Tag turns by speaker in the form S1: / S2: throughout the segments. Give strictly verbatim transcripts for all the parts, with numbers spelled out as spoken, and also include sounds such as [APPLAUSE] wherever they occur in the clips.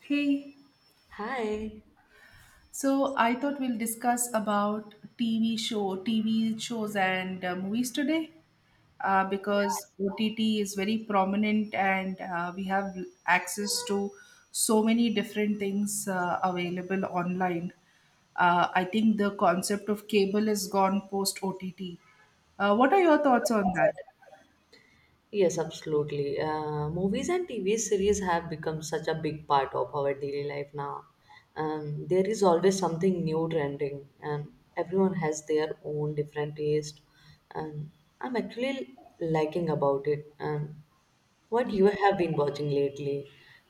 S1: Hey,
S2: Hi.
S1: so I thought we'll discuss about T V show, T V shows and uh, movies today, uh, because O T T is very prominent and uh, we have access to so many different things, uh, available online. Uh, I think the concept of cable is gone post O T T. Uh, what are your thoughts on that?
S2: Yes, absolutely. Uh, movies and T V series have become such a big part of our daily life now. Um, there is always something new trending, and everyone has their own different taste. And I'm actually liking about it. And what
S1: Yeah.
S2: you have been watching lately?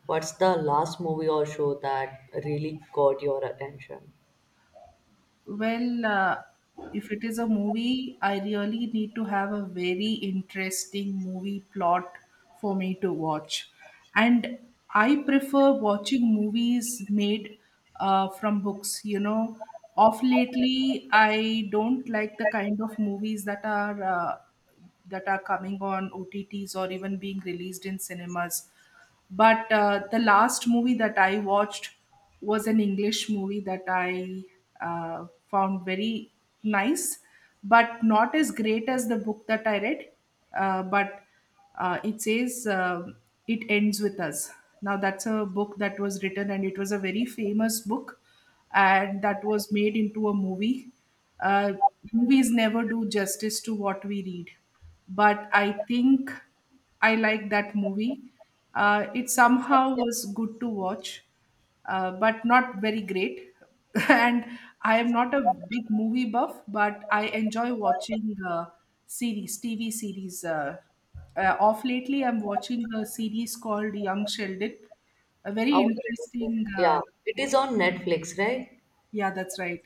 S2: What's the last movie or show that really caught your attention?
S1: Well, uh, if it is a movie, I really need to have a very interesting movie plot for me to watch. And I prefer watching movies made uh, from books. You know, of lately, I don't like the kind of movies that are. Uh, that are coming on O T Ts or even being released in cinemas. But uh, the last movie that I watched was an English movie that I uh, found very nice, but not as great as the book that I read. Uh, but uh, it says um It Ends With Us. Now, that's a book that was written, and it was a very famous book and that was made into a movie. Uh, Movies never do justice to what we read, but I think I like that movie. Uh, it somehow was good to watch, uh, but not very great. [LAUGHS] and I am not a big movie buff, but I enjoy watching uh, series, T V series. Uh, uh, off lately, I'm watching a series called Young Sheldon. A very
S2: Oh,
S1: interesting.
S2: yeah,
S1: Uh,
S2: it is on Netflix, right?
S1: yeah, that's right.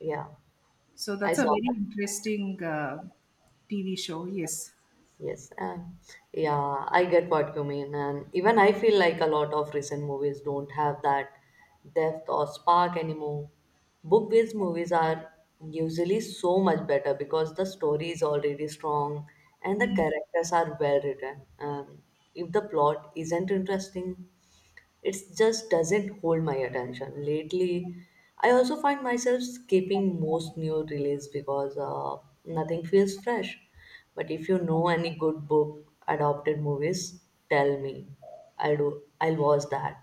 S2: Yeah,
S1: So
S2: I
S1: that's a
S2: saw.
S1: very interesting uh, T V show. Yes.
S2: Yes, um, yeah, I get what you mean, and even I feel like a lot of recent movies don't have that depth or spark anymore. Book-based movies are usually so much better because the story is already strong and the characters are well written. And if the plot isn't interesting, it just doesn't hold my attention lately. I also find myself skipping most new release because uh, nothing feels fresh. But if you know any good book adopted movies, tell me. I'll do i'll watch that.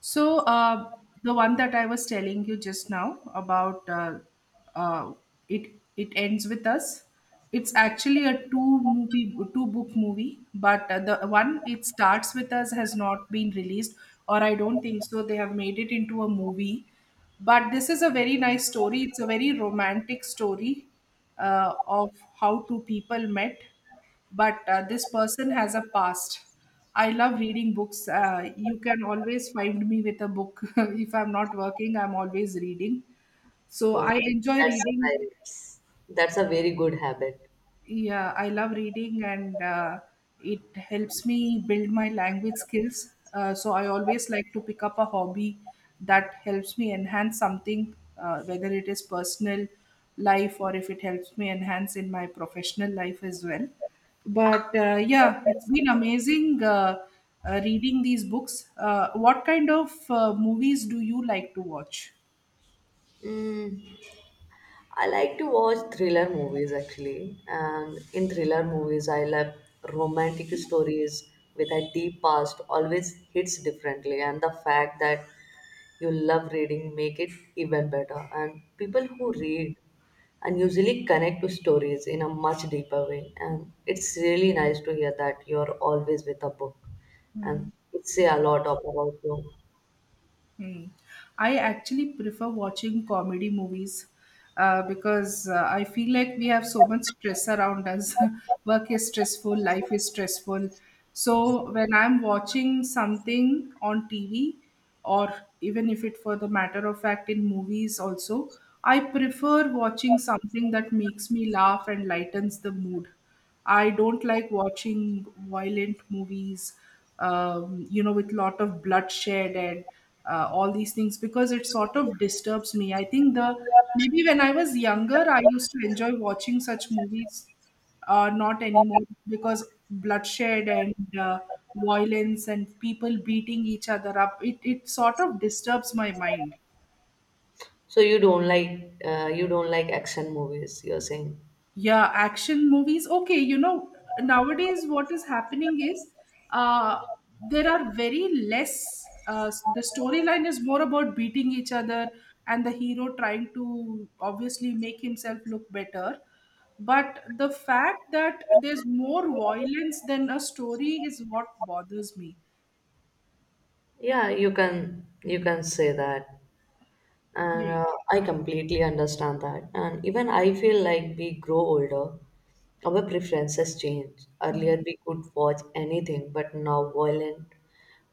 S1: So uh, the one that I was telling you just now about, uh, uh, it it ends with us. It's actually a two movie two book movie, but uh, the one it starts with us has not been released, or I don't think so. They have made it into a movie, but this is a very nice story. It's a very romantic story uh, of how two people met, but uh, this person has a past. I love reading books. Uh, you can always find me with a book. [LAUGHS] If I'm not working, I'm always reading. So
S2: Oh,
S1: I enjoy
S2: that's
S1: reading.
S2: nice. That's a very good habit.
S1: Yeah, I love reading, and uh, it helps me build my language skills, uh, so I always like to pick up a hobby that helps me enhance something, uh, whether it is personal life or if it helps me enhance in my professional life as well. But uh, yeah, it's been amazing, uh, uh, reading these books. Uh, what kind of uh, movies do you like to watch?
S2: I like to watch thriller movies actually, and in thriller movies, I love romantic stories with a deep past always hits differently, and the fact that you love reading make it even better. And people who read and usually connect to stories in a much deeper way, and it's really nice to hear that you're always with a book, and it say a lot of about you.
S1: Hmm. I actually prefer watching comedy movies, uh, because uh, I feel like we have so much stress around us. [LAUGHS] Work is stressful, life is stressful. So when I'm watching something on T V, or even if it for the matter of fact in movies also, I prefer watching something that makes me laugh and lightens the mood. I don't like watching violent movies, um, you know, with lot of bloodshed and uh, all these things because it sort of disturbs me. I think the maybe when I was younger, I used to enjoy watching such movies, uh, not anymore because bloodshed and uh, violence and people beating each other up, it, it sort of disturbs my mind.
S2: So you don't like uh, you don't like action movies, you're saying.
S1: Yeah, action movies. Okay, you know, nowadays what is happening is, uh, there are very less, uh, the storyline is more about beating each other and the hero trying to obviously make himself look better. But the fact that there's more violence than a story is what bothers me.
S2: Yeah, you can you can say that, and
S1: Yeah.
S2: uh, I completely understand that. And even I feel like we grow older, our preferences change.
S1: Hmm.
S2: Earlier, we could watch anything, but now violent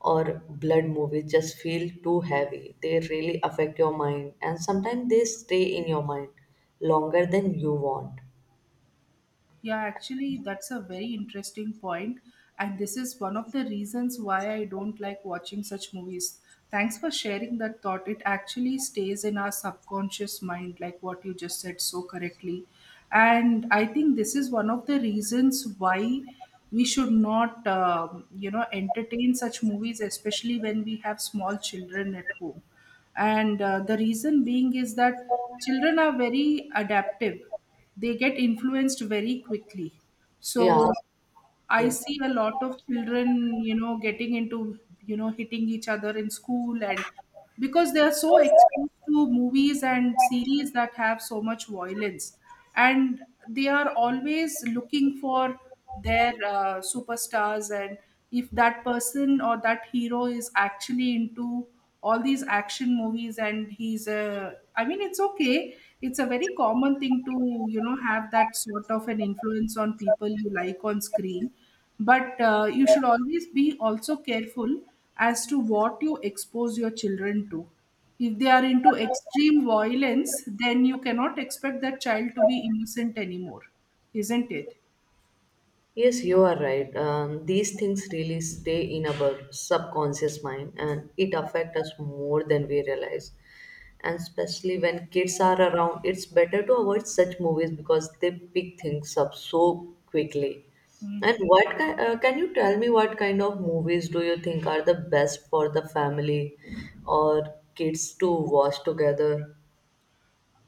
S2: or blood movies just feel too heavy. They really affect your mind, and sometimes they stay in your mind longer than you want.
S1: Yeah, actually, that's a very interesting point, and this is one of the reasons why I don't like watching such movies. Thanks for sharing that thought. It actually stays in our subconscious mind, like what you just said so correctly. And I think this is one of the reasons why we should not, um, you know, entertain such movies, especially when we have small children at home. And uh, the reason being is that children are very adaptive, they get influenced very quickly.
S2: Yeah.
S1: So I
S2: Yes.
S1: see a lot of children, you know, getting into, you know, hitting each other in school and because they are so exposed to movies and series that have so much violence. And they are always looking for their uh, superstars, and if that person or that hero is actually into all these action movies and he's a, I mean, it's okay, it's a very common thing to, you know, have that sort of an influence on people you like on screen, but uh, you should always be also careful as to what you expose your children to. If they are into extreme violence, then you cannot expect that child to be innocent anymore, isn't it?
S2: Yes, you are right. Um, these things really stay in our subconscious mind and it affects us more than we realize. And especially when kids are around, it's better to avoid such movies because they pick things up so quickly.
S1: Mm.
S2: And what ki- uh, can you tell me what kind of movies do you think are the best for the family or kids to watch together?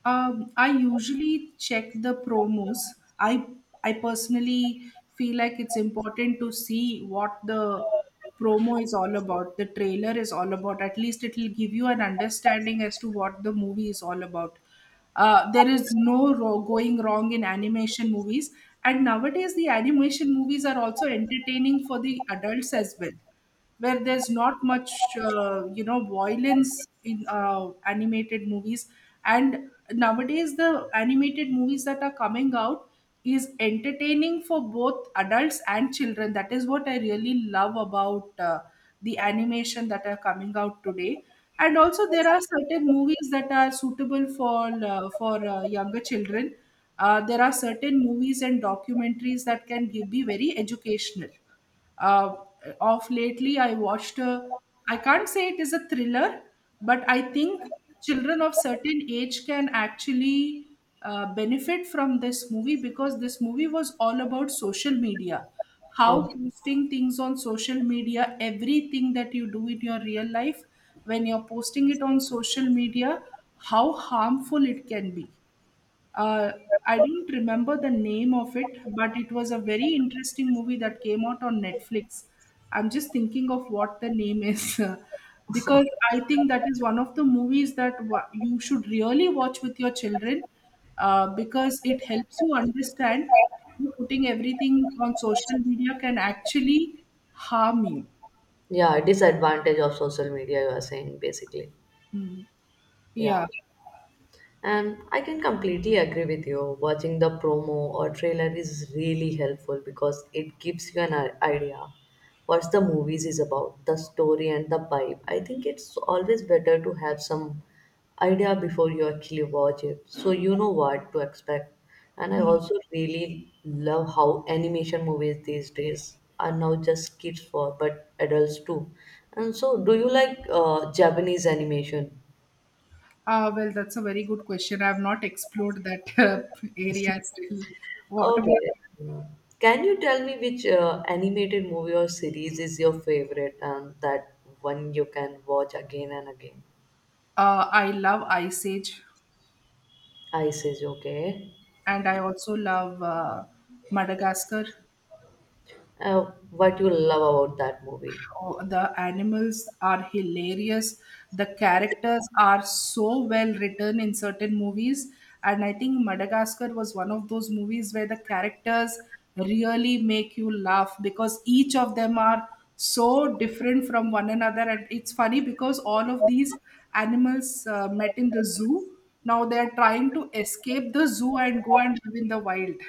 S1: Um, I usually check the promos. I I personally feel like it's important to see what the promo is all about, the trailer is all about. At least it will give you an understanding as to what the movie is all about. Uh, there is no ro- going wrong in animation movies, and nowadays the animation movies are also entertaining for the adults as well, where there's not much, uh, you know, violence in uh, animated movies. And nowadays the animated movies that are coming out is entertaining for both adults and children. That is what I really love about, uh, the animation that are coming out today. And also there are certain movies that are suitable for uh, for uh, younger children. Uh, there are certain movies and documentaries that can give, be very educational. uh, of lately, I watched a, I can't say it is a thriller, but I think children of certain age can actually uh, benefit from this movie because this movie was all about social media.
S2: Okay.
S1: How posting things on social media, everything that you do in your real life, when you're posting it on social media, how harmful it can be. uh, I don't remember the name of it, but it was a very interesting movie that came out on Netflix. I'm just thinking of what the name is [LAUGHS] because I think that is one of the movies that wa- you should really watch with your children, uh, because it helps you understand how putting everything on social media can actually harm you.
S2: Yeah, disadvantage of social media, you are saying basically.
S1: Mm.
S2: Yeah.
S1: Yeah.
S2: And I can completely agree with you. Watching the promo or trailer is really helpful because it gives you an i- idea what the movies is about, the story and the vibe. I think it's always better to have some idea before you actually watch it, so you know what to expect. And I also really love how animation movies these days are now just kids for, but adults too. And so, do you like uh, Japanese animation?
S1: Ah, well, that's a very good question. I've not explored that [LAUGHS] uh, area still. What about
S2: Okay. Can you tell me which uh, animated movie or series is your favorite and that one you can watch again and again?
S1: Uh, I love Ice Age,
S2: I says, okay.
S1: and I also love uh, Madagascar.
S2: Uh, what you love about that movie?
S1: Oh, the animals are hilarious. The characters are so well written in certain movies. And I think Madagascar was one of those movies where the characters really make you laugh because each of them are so different from one another. And it's funny because all of these animals uh, met in the zoo. Now they are trying to escape the zoo and go and live in the wild,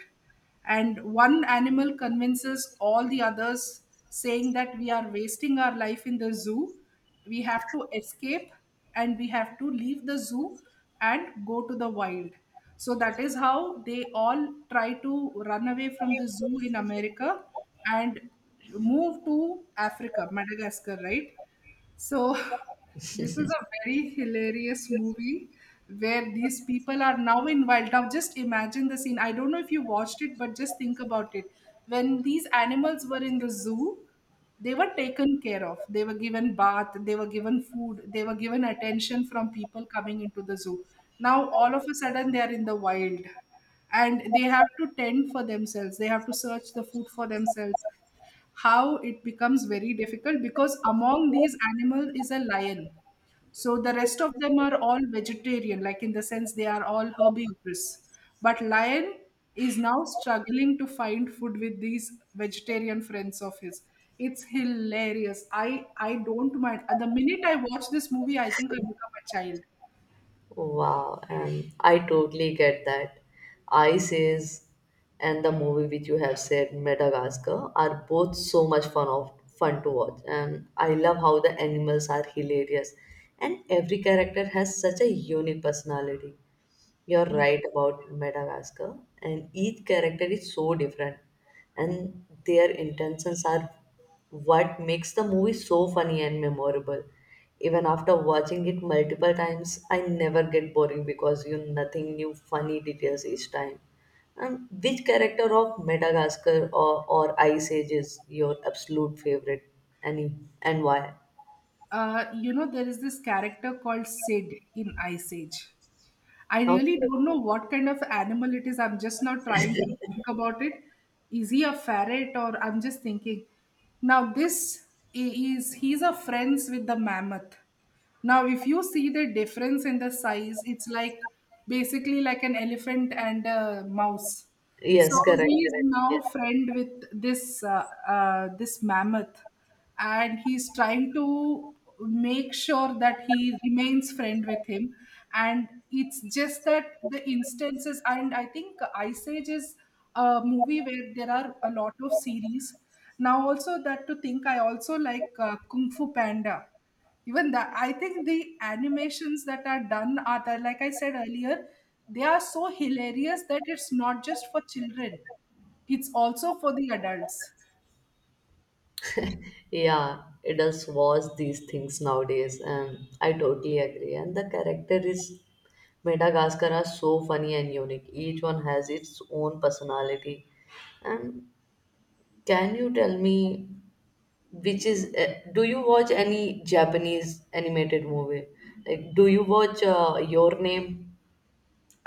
S1: and one animal convinces all the others saying that we are wasting our life in the zoo, we have to escape, and we have to leave the zoo and go to the wild. So that is how they all try to run away from the zoo in America and move to Africa, Madagascar, right? So [LAUGHS] this is a very hilarious movie where these people are now in wild. Now, just imagine the scene. I don't know if you watched it, but just think about it. When these animals were in the zoo, they were taken care of. They were given bath, they were given food, they were given attention from people coming into the zoo. Now, all of a sudden, they are in the wild, and they have to tend for themselves, they have to search the food for themselves. How it becomes very difficult because among these animals is a lion. So the rest of them are all vegetarian, like in the sense they are all herbivorous. But lion is now struggling to find food with these vegetarian friends of his. It's hilarious. I I don't mind. At the minute I watch this movie, I think I become a child.
S2: Wow, and I totally get that. Ice is, and the movie which you have said, Madagascar, are both so much fun of fun to watch. And I love how the animals are hilarious and every character has such a unique personality. You're right about Madagascar, and each character is so different, and their intentions are what makes the movie so funny and memorable. Even after watching it multiple times, I never get boring because you nothing new funny details each time. And which character of Madagascar or, or Ice Age is your absolute favorite, Annie, and why?
S1: Uh, you know, there is this character called Sid in Ice Age. I really
S2: Okay.
S1: don't know what kind of animal it is. I'm just now trying to think about it. Is he a ferret or I'm just thinking. Now this i- is he's a friends with the mammoth. Now if you see the difference in the size, it's like basically like an elephant and a mouse. So
S2: Yes, correct,
S1: he's
S2: correct. Yes.
S1: now friend with this uh, uh, this mammoth and he's trying to make sure that he remains friend with him. And it's just that the instances, and I think Ice Age is a movie where there are a lot of series. Now also that to think, I also like uh, Kung Fu Panda. Even that, I think the animations that are done are that, like I said earlier, they are so hilarious that it's not just for children, it's also for the adults.
S2: Yeah, adults watch these things nowadays, and I totally agree. And the character is Madagascar are so funny and unique. Each one has its own personality. And can you tell me which is? Uh, do you watch any Japanese animated movie? Like, do you watch uh, Your Name?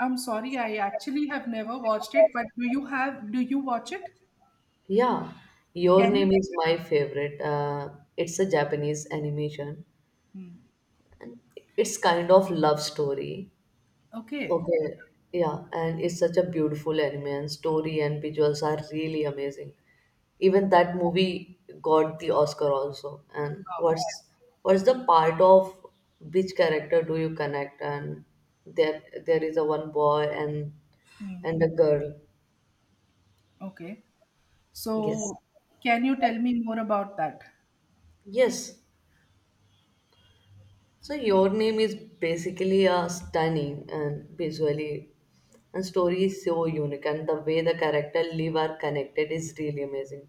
S1: I'm sorry, I actually have never watched it, but do you have, do you watch it?
S2: Yeah, Your
S1: Can you?
S2: Name is my favorite. Uh, it's a Japanese animation.
S1: Hmm.
S2: It's kind of love story.
S1: Okay.
S2: Okay, yeah, and it's such a beautiful anime, and story and visuals are really amazing. Even that movie got the Oscar also. And
S1: Wow.
S2: what's what's the part of which character do you connect? And there there is a one boy and
S1: Hmm.
S2: and a girl.
S1: Okay.
S2: Yes,
S1: So, can you tell me more about that?
S2: yes. So your name is basically a stunning and visually and story is so unique, and the way the character live are connected is really amazing.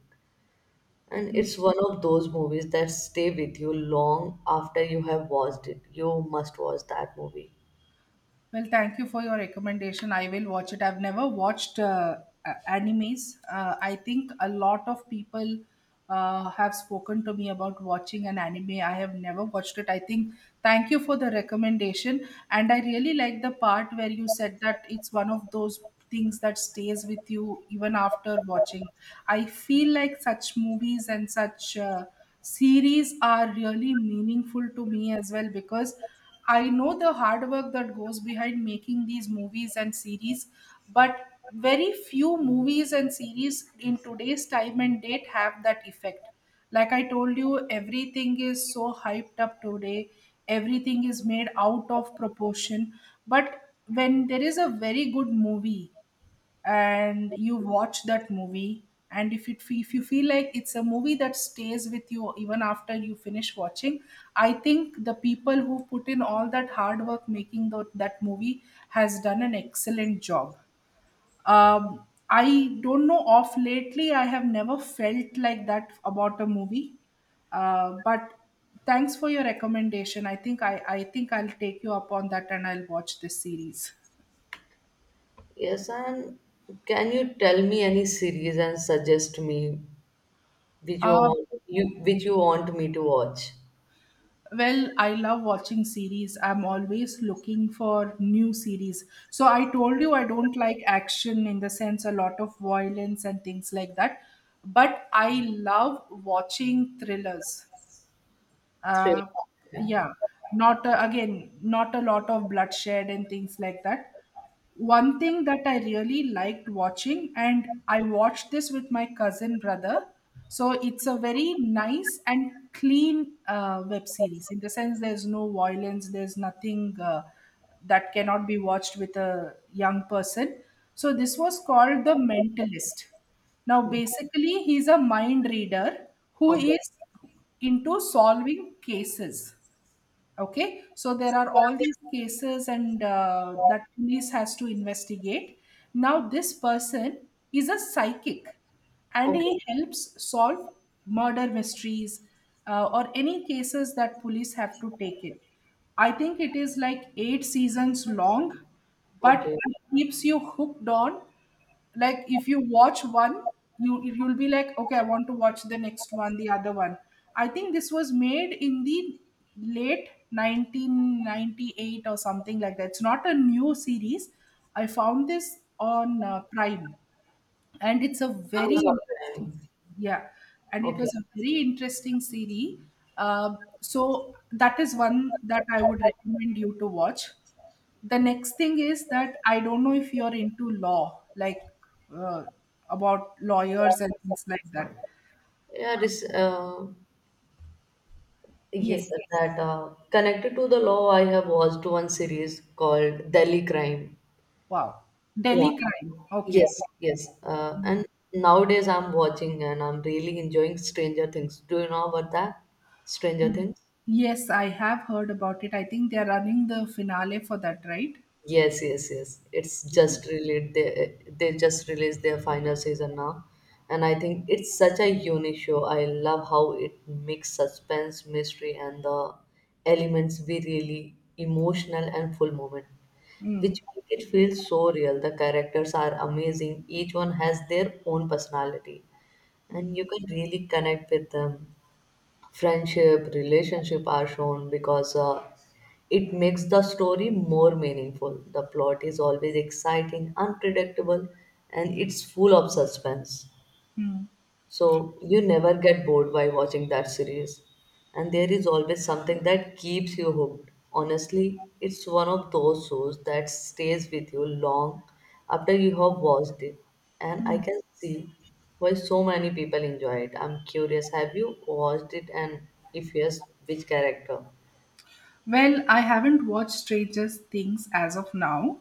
S2: And it's one of those movies that stay with you long after you have watched it. You must watch that movie.
S1: Well, thank you for your recommendation. I will watch it. I've never watched uh, a- animes. Uh, I think a lot of people uh, have spoken to me about watching an anime. I have never watched it. I think thank you for the recommendation. And I really like the part where you said that it's one of those things that stays with you even after watching. I feel like such movies and such uh, series are really meaningful to me as well, because I know the hard work that goes behind making these movies and series, but very few movies and series in today's time and date have that effect. Like I told you, everything is so hyped up today, everything is made out of proportion. But when there is a very good movie, and you watch that movie, and if it if you feel like it's a movie that stays with you even after you finish watching, I think the people who put in all that hard work making tho- that movie has done an excellent job. um, I don't know, off lately I have never felt like that about a movie, uh, but thanks for your recommendation. I think i i think I'll take you up on that, and I'll watch this series.
S2: Yes, and can you tell me any series and suggest me which you
S1: uh,
S2: want you which you want me to watch?
S1: Well, I love watching series. I'm always looking for new series. So I told you I don't like action in the sense a lot of violence and things like that. But I love watching thrillers.
S2: Thriller.
S1: Uh,
S2: Yeah.
S1: yeah, not uh, again, not a lot of bloodshed and things like that. One thing that I really liked watching, and I watched this with my cousin brother. So it's a very nice and clean uh, web series, in the sense there's no violence, there's nothing uh, that cannot be watched with a young person. So this was called The Mentalist. Now,
S2: Hmm.
S1: basically, he's a mind reader who
S2: Okay.
S1: is into solving cases. Okay, so there are all these cases, and uh, that police has to investigate. Now this person is a psychic, and he
S2: Okay.
S1: helps solve murder mysteries, uh, or any cases that police have to take in. I think it is like eight seasons long, but
S2: Okay.
S1: it keeps you hooked on. Like, if you watch one, you you'll be like, okay, I want to watch the next one, the other one. I think this was made in the late nineteen ninety-eight or something like that. It's not a new series. I found this on uh, Prime, and it's a very
S2: Amazon
S1: interesting,
S2: Prime.
S1: yeah, and it
S2: Okay.
S1: was a very interesting series. Um so that is one that I would recommend you to watch. The next thing is that I don't know if you're into law, like uh, about lawyers and things like that.
S2: Yeah, this uh yeah,
S1: Yes.
S2: that uh connected to the law, I have watched one series called Delhi Crime.
S1: Wow.
S2: Yeah.
S1: Delhi crime. Okay.
S2: Yes, yes. Uh, and nowadays I'm watching and I'm really enjoying Stranger Things. Do you know about that? Stranger Things?
S1: Yes, I have heard about it. I think they're running the finale for that, right?
S2: Yes, yes, yes. It's just released. They, they just released their final season now, and I think it's such a unique show. I love how it mix suspense, mystery, and the elements we really emotional and full moment,
S1: Mm.
S2: which make it feel so real. The characters are amazing. Each one has their own personality and you can really connect with them. Friendship, relationship are shown because uh, it makes the story more meaningful. The plot is always exciting, unpredictable, and it's full of suspense.
S1: Mm.
S2: So you never get bored by watching that series, and there is always something that keeps you hooked. Honestly, it's one of those shows that stays with you long after you have watched it, and I can see why so many people enjoy it. I'm curious, have you watched it, and if yes, which character?
S1: Well, I haven't watched Stranger Things as of now,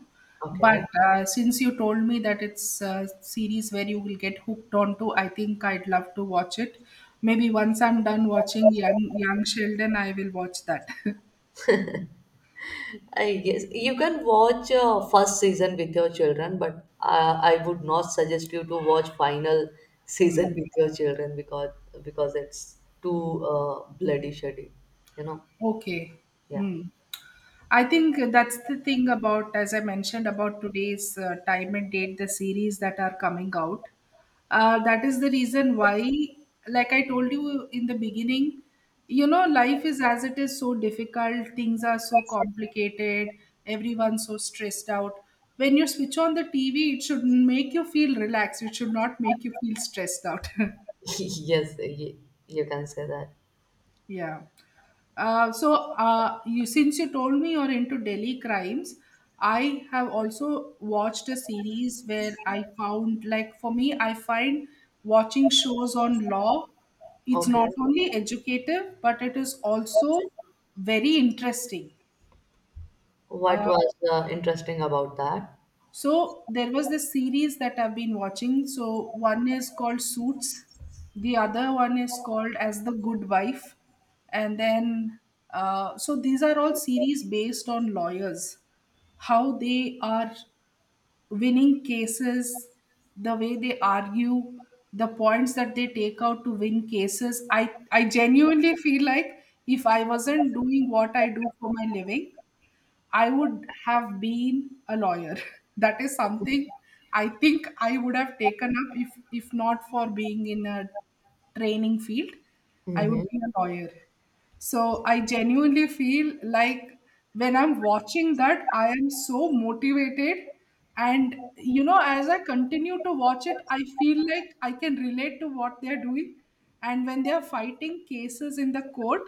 S1: but
S2: Okay.
S1: uh, since you told me that it's a series where you will get hooked onto, I think I'd love to watch it. Maybe once I'm done watching Young Young Sheldon, I will watch that. [LAUGHS]
S2: I yes, you can watch uh, first season with your children, but uh, I would not suggest you to watch final
S1: Hmm.
S2: season with your children because because it's too uh, bloody shitty, you know.
S1: Okay.
S2: Yeah.
S1: Hmm. I think that's the thing about, as I mentioned, about today's uh, time and date, the series that are coming out. Uh, that is the reason why, like I told you in the beginning, you know, life is as it is so difficult, things are so complicated, everyone's so stressed out. When you switch on the T V, it should make you feel relaxed, it should not make you feel stressed out. [LAUGHS]
S2: [LAUGHS] Yes, you, you can say that.
S1: Yeah. Uh, so, uh, you since you told me you're into Delhi crimes, I have also watched a series where I found, like, for me, I find watching shows on law, it's
S2: Okay.
S1: not only educative, but it is also very interesting.
S2: What was uh, interesting about that?
S1: So there was this series that I've been watching. So one is called Suits, the other one is called As the Good Wife, and then uh, so these are all series based on lawyers, how they are winning cases, the way they argue, the points that they take out to win cases. I I genuinely feel like if I wasn't doing what I do for my living, I would have been a lawyer. [LAUGHS] That is something I think I would have taken up, if if not for being in a training field. I
S2: Mm-hmm.
S1: would be a lawyer. So I genuinely feel like when I'm watching that, I am so motivated. And you know, as I continue to watch it, I feel like I can relate to what they're doing. And when they are fighting cases in the court,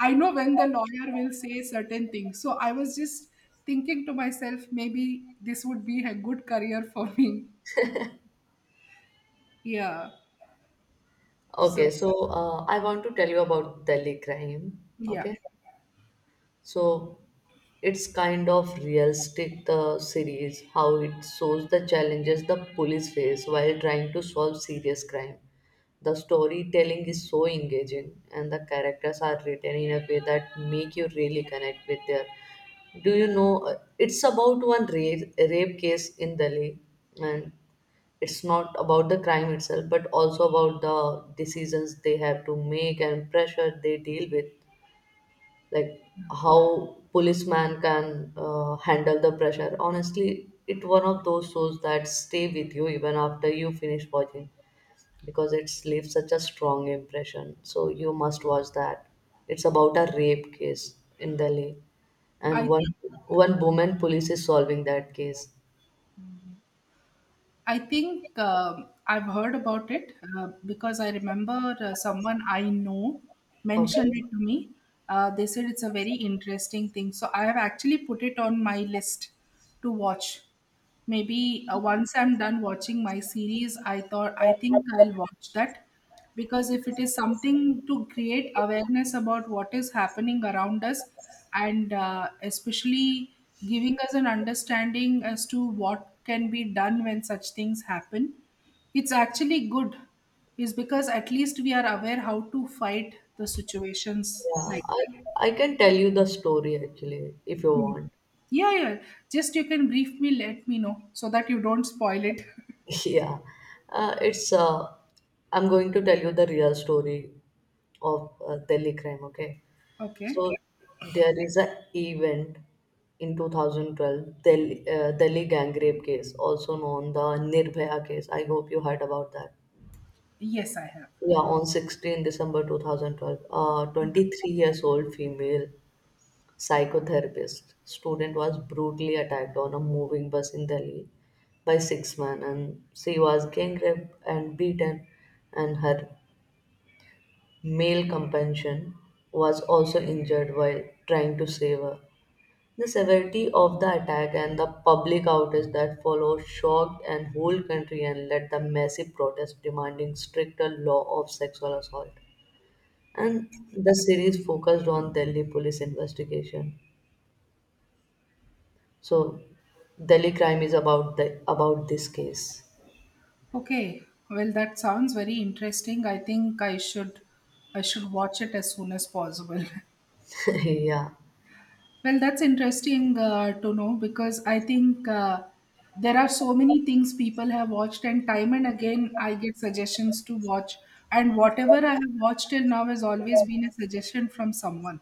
S1: I know when the lawyer will say certain things. So I was just thinking to myself, maybe this would be a good career for me. Yeah. So
S2: Okay, so uh, I want to tell you about Delhi crime.
S1: yeah,
S2: Okay. So it's kind of realistic the series how it shows the challenges the police face while trying to solve serious crime. The storytelling is so engaging and the characters are written in a way that make you really connect with their. Do you know, uh, it's about one rape, rape case in Delhi, and it's not about the crime itself but also about the decisions they have to make and pressure they deal with. Like, how policeman can uh, handle the pressure, honestly, it one of those shows that stay with you even after you finish watching because it leaves such a strong impression. So you must watch that. It's about a rape case in Delhi,
S1: I
S2: and
S1: think
S2: one one woman police is solving that case.
S1: I think um, I've heard about it, uh, because I remember uh, someone I know
S2: Okay.
S1: mentioned it to me. Uh, they said it's a very interesting thing. So I have actually put it on my list to watch. Maybe uh, once I'm done watching my series, I thought I think I'll watch that, because if it is something to create awareness about what is happening around us, and uh, especially giving us an understanding as to what can be done when such things happen, it's actually good, is because at least we are aware how to fight the situations
S2: Yeah,
S1: like
S2: i
S1: that.
S2: i can tell you the story actually, if you want.
S1: Yeah, yeah, just you can brief me, let me know so that you don't spoil it.
S2: [LAUGHS] Yeah, uh, it's. Uh, I'm going to tell you the real story of uh, Delhi crime. Okay,
S1: [LAUGHS] Okay,
S2: so there is a event in two thousand twelve Delhi, uh, Delhi gang rape case, also known the Nirbhaya case. I hope you heard about that.
S1: yes, I have.
S2: Yeah, on sixteenth of December twenty twelve, a twenty-three years old female psychotherapist, student was brutally attacked on a moving bus in Delhi by six men, and she was gang raped and beaten, and her male companion was also injured while trying to save her. The severity of the attack and the public outrage that followed shocked and whole country and led to massive protests demanding stricter law of sexual assault. And the series focused on Delhi police investigation. So Delhi Crime is about the about this case.
S1: Okay, well, that sounds very interesting. I think I should I should watch it as soon as possible.
S2: [LAUGHS] yeah.
S1: [LAUGHS] Well, that's interesting, uh, to know, because I think uh, there are so many things people have watched, and time and again I get suggestions to watch, and whatever I have watched till now has always been a suggestion from someone.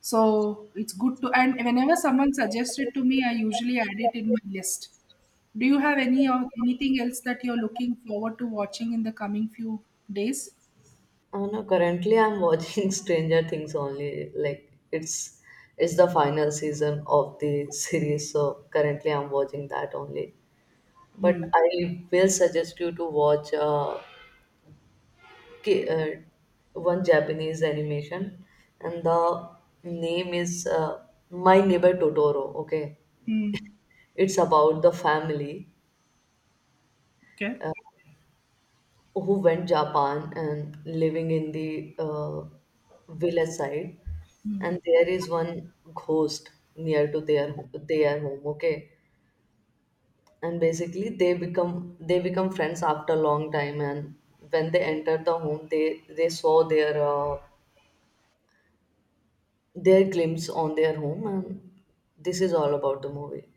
S1: So it's good to, and whenever someone suggests it to me, I usually add it in my list. Do you have any or anything else that you're looking forward to watching in the coming few days?
S2: Uh, no, currently I'm watching [LAUGHS] Stranger Things only. Like it's it's the final season of the [LAUGHS] series, so currently I'm watching that only. But
S1: Hmm.
S2: I will suggest you to watch uh, K- uh, one Japanese animation, and the name is uh, My Neighbor Totoro. Okay,
S1: Hmm.
S2: it's about the family
S1: Okay.
S2: who went Japan and living in the uh, village side, and there is one ghost near to their ho- their home. Okay, and basically they become they become friends after a long time, and when they enter the home, they they saw their uh, their glimpse on their home, and this is all about the movie.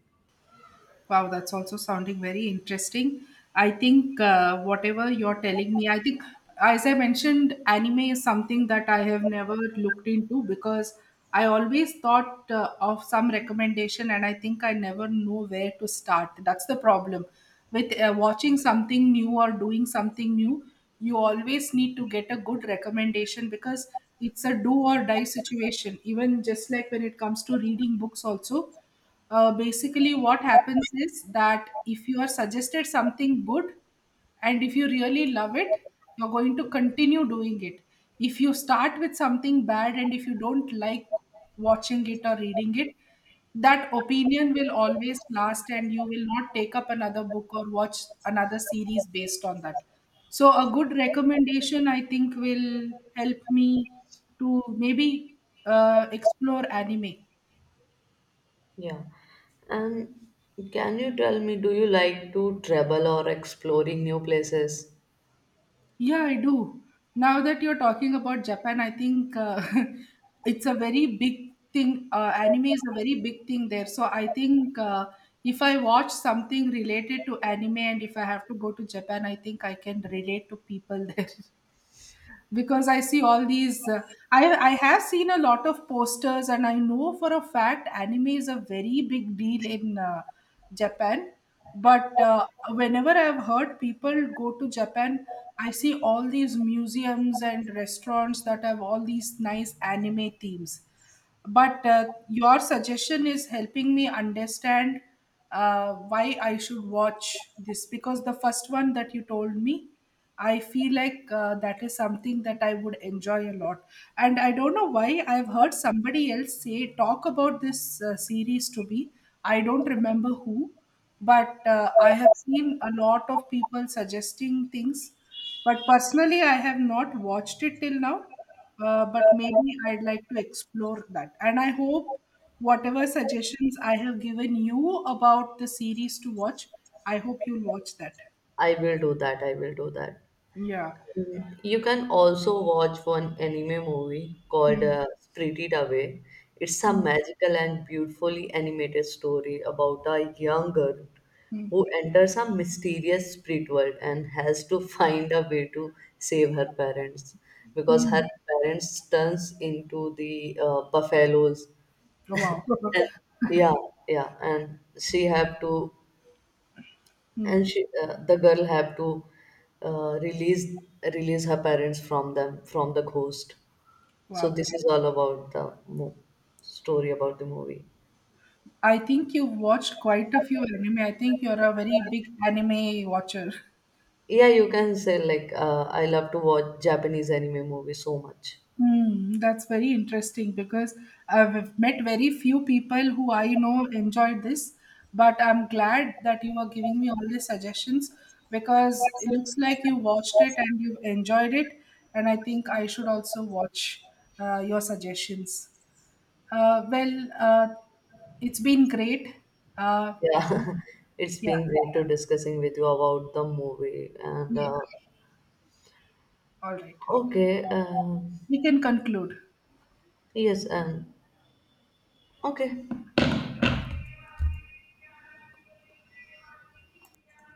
S1: Wow, that's also sounding very interesting. I think uh, whatever you're telling me, I think, as I mentioned, anime is something that I have never looked into because I always thought uh, of some recommendation, and I think I never know where to start. That's the problem. With uh, watching something new or doing something new, you always need to get a good recommendation, because it's a do or die situation. Even just like when it comes to reading books, also uh, basically, what happens is that if you are suggested something good and if you really love it, you're going to continue doing it. If you start with something bad and if you don't like watching it or reading it, that opinion will always last and you will not take up another book or watch another series based on that. So, a good recommendation I think will help me to maybe uh, explore anime.
S2: Yeah, and can you tell me, do you like to travel or exploring new places?
S1: Yeah, I do. Now that you're talking about Japan, I think uh, [LAUGHS] it's a very big thing. Uh, anime is a very big thing there. So I think uh, if I watch something related to anime and if I have to go to Japan, I think I can relate to people [LAUGHS] there, because I see all these. Uh, I I have seen a lot of posters, and I know for a fact anime is a very big deal in uh, Japan. But uh, whenever I've heard people go to Japan, I see all these museums and restaurants that have all these nice anime themes. But uh, your suggestion is helping me understand uh, why I should watch this, because the first one that you told me, I feel like uh, that is something that I would enjoy a lot. And I don't know why I've heard somebody else say talk about this uh, series to me. I don't remember who, but uh, I have seen a lot of people suggesting things. But personally, I have not watched it till now. Uh, but maybe I'd like to explore that. And I hope whatever suggestions I have given you about the series to watch, I hope you'll watch that.
S2: I will do that. I will do that.
S1: Yeah.
S2: You can also watch one anime movie called
S1: Mm,
S2: uh, Spirited Away. It's a
S1: mm,
S2: magical and beautifully animated story about a young girl who
S1: mm.
S2: enters a mysterious spirit world and has to find a way to save her parents because her parents turns into the uh, buffaloes,
S1: Oh, wow.
S2: and
S1: [LAUGHS]
S2: yeah, yeah, and she have to, and
S1: Mm,
S2: she uh, the girl have to uh, release release her parents from them from the ghost. So
S1: wow.
S2: this is all about the mo- story about the movie.
S1: I think you've watched quite a few anime. I think you're a very big anime watcher. [LAUGHS]
S2: Yeah, you can say, like, uh, I love to watch Japanese anime movies so much.
S1: Hmm, that's very interesting, because I've met very few people who I know enjoyed this, but I'm glad that you are giving me all these suggestions, because it looks like you watched it and you enjoyed it, and I think I should also watch uh, your suggestions. Uh, well, uh, it's been great. Uh,
S2: Yeah, [LAUGHS] it's
S1: yeah,
S2: been great to discussing with you about the movie, and
S1: yeah,
S2: uh,
S1: all right.
S2: okay. um
S1: We can conclude.
S2: yes And okay.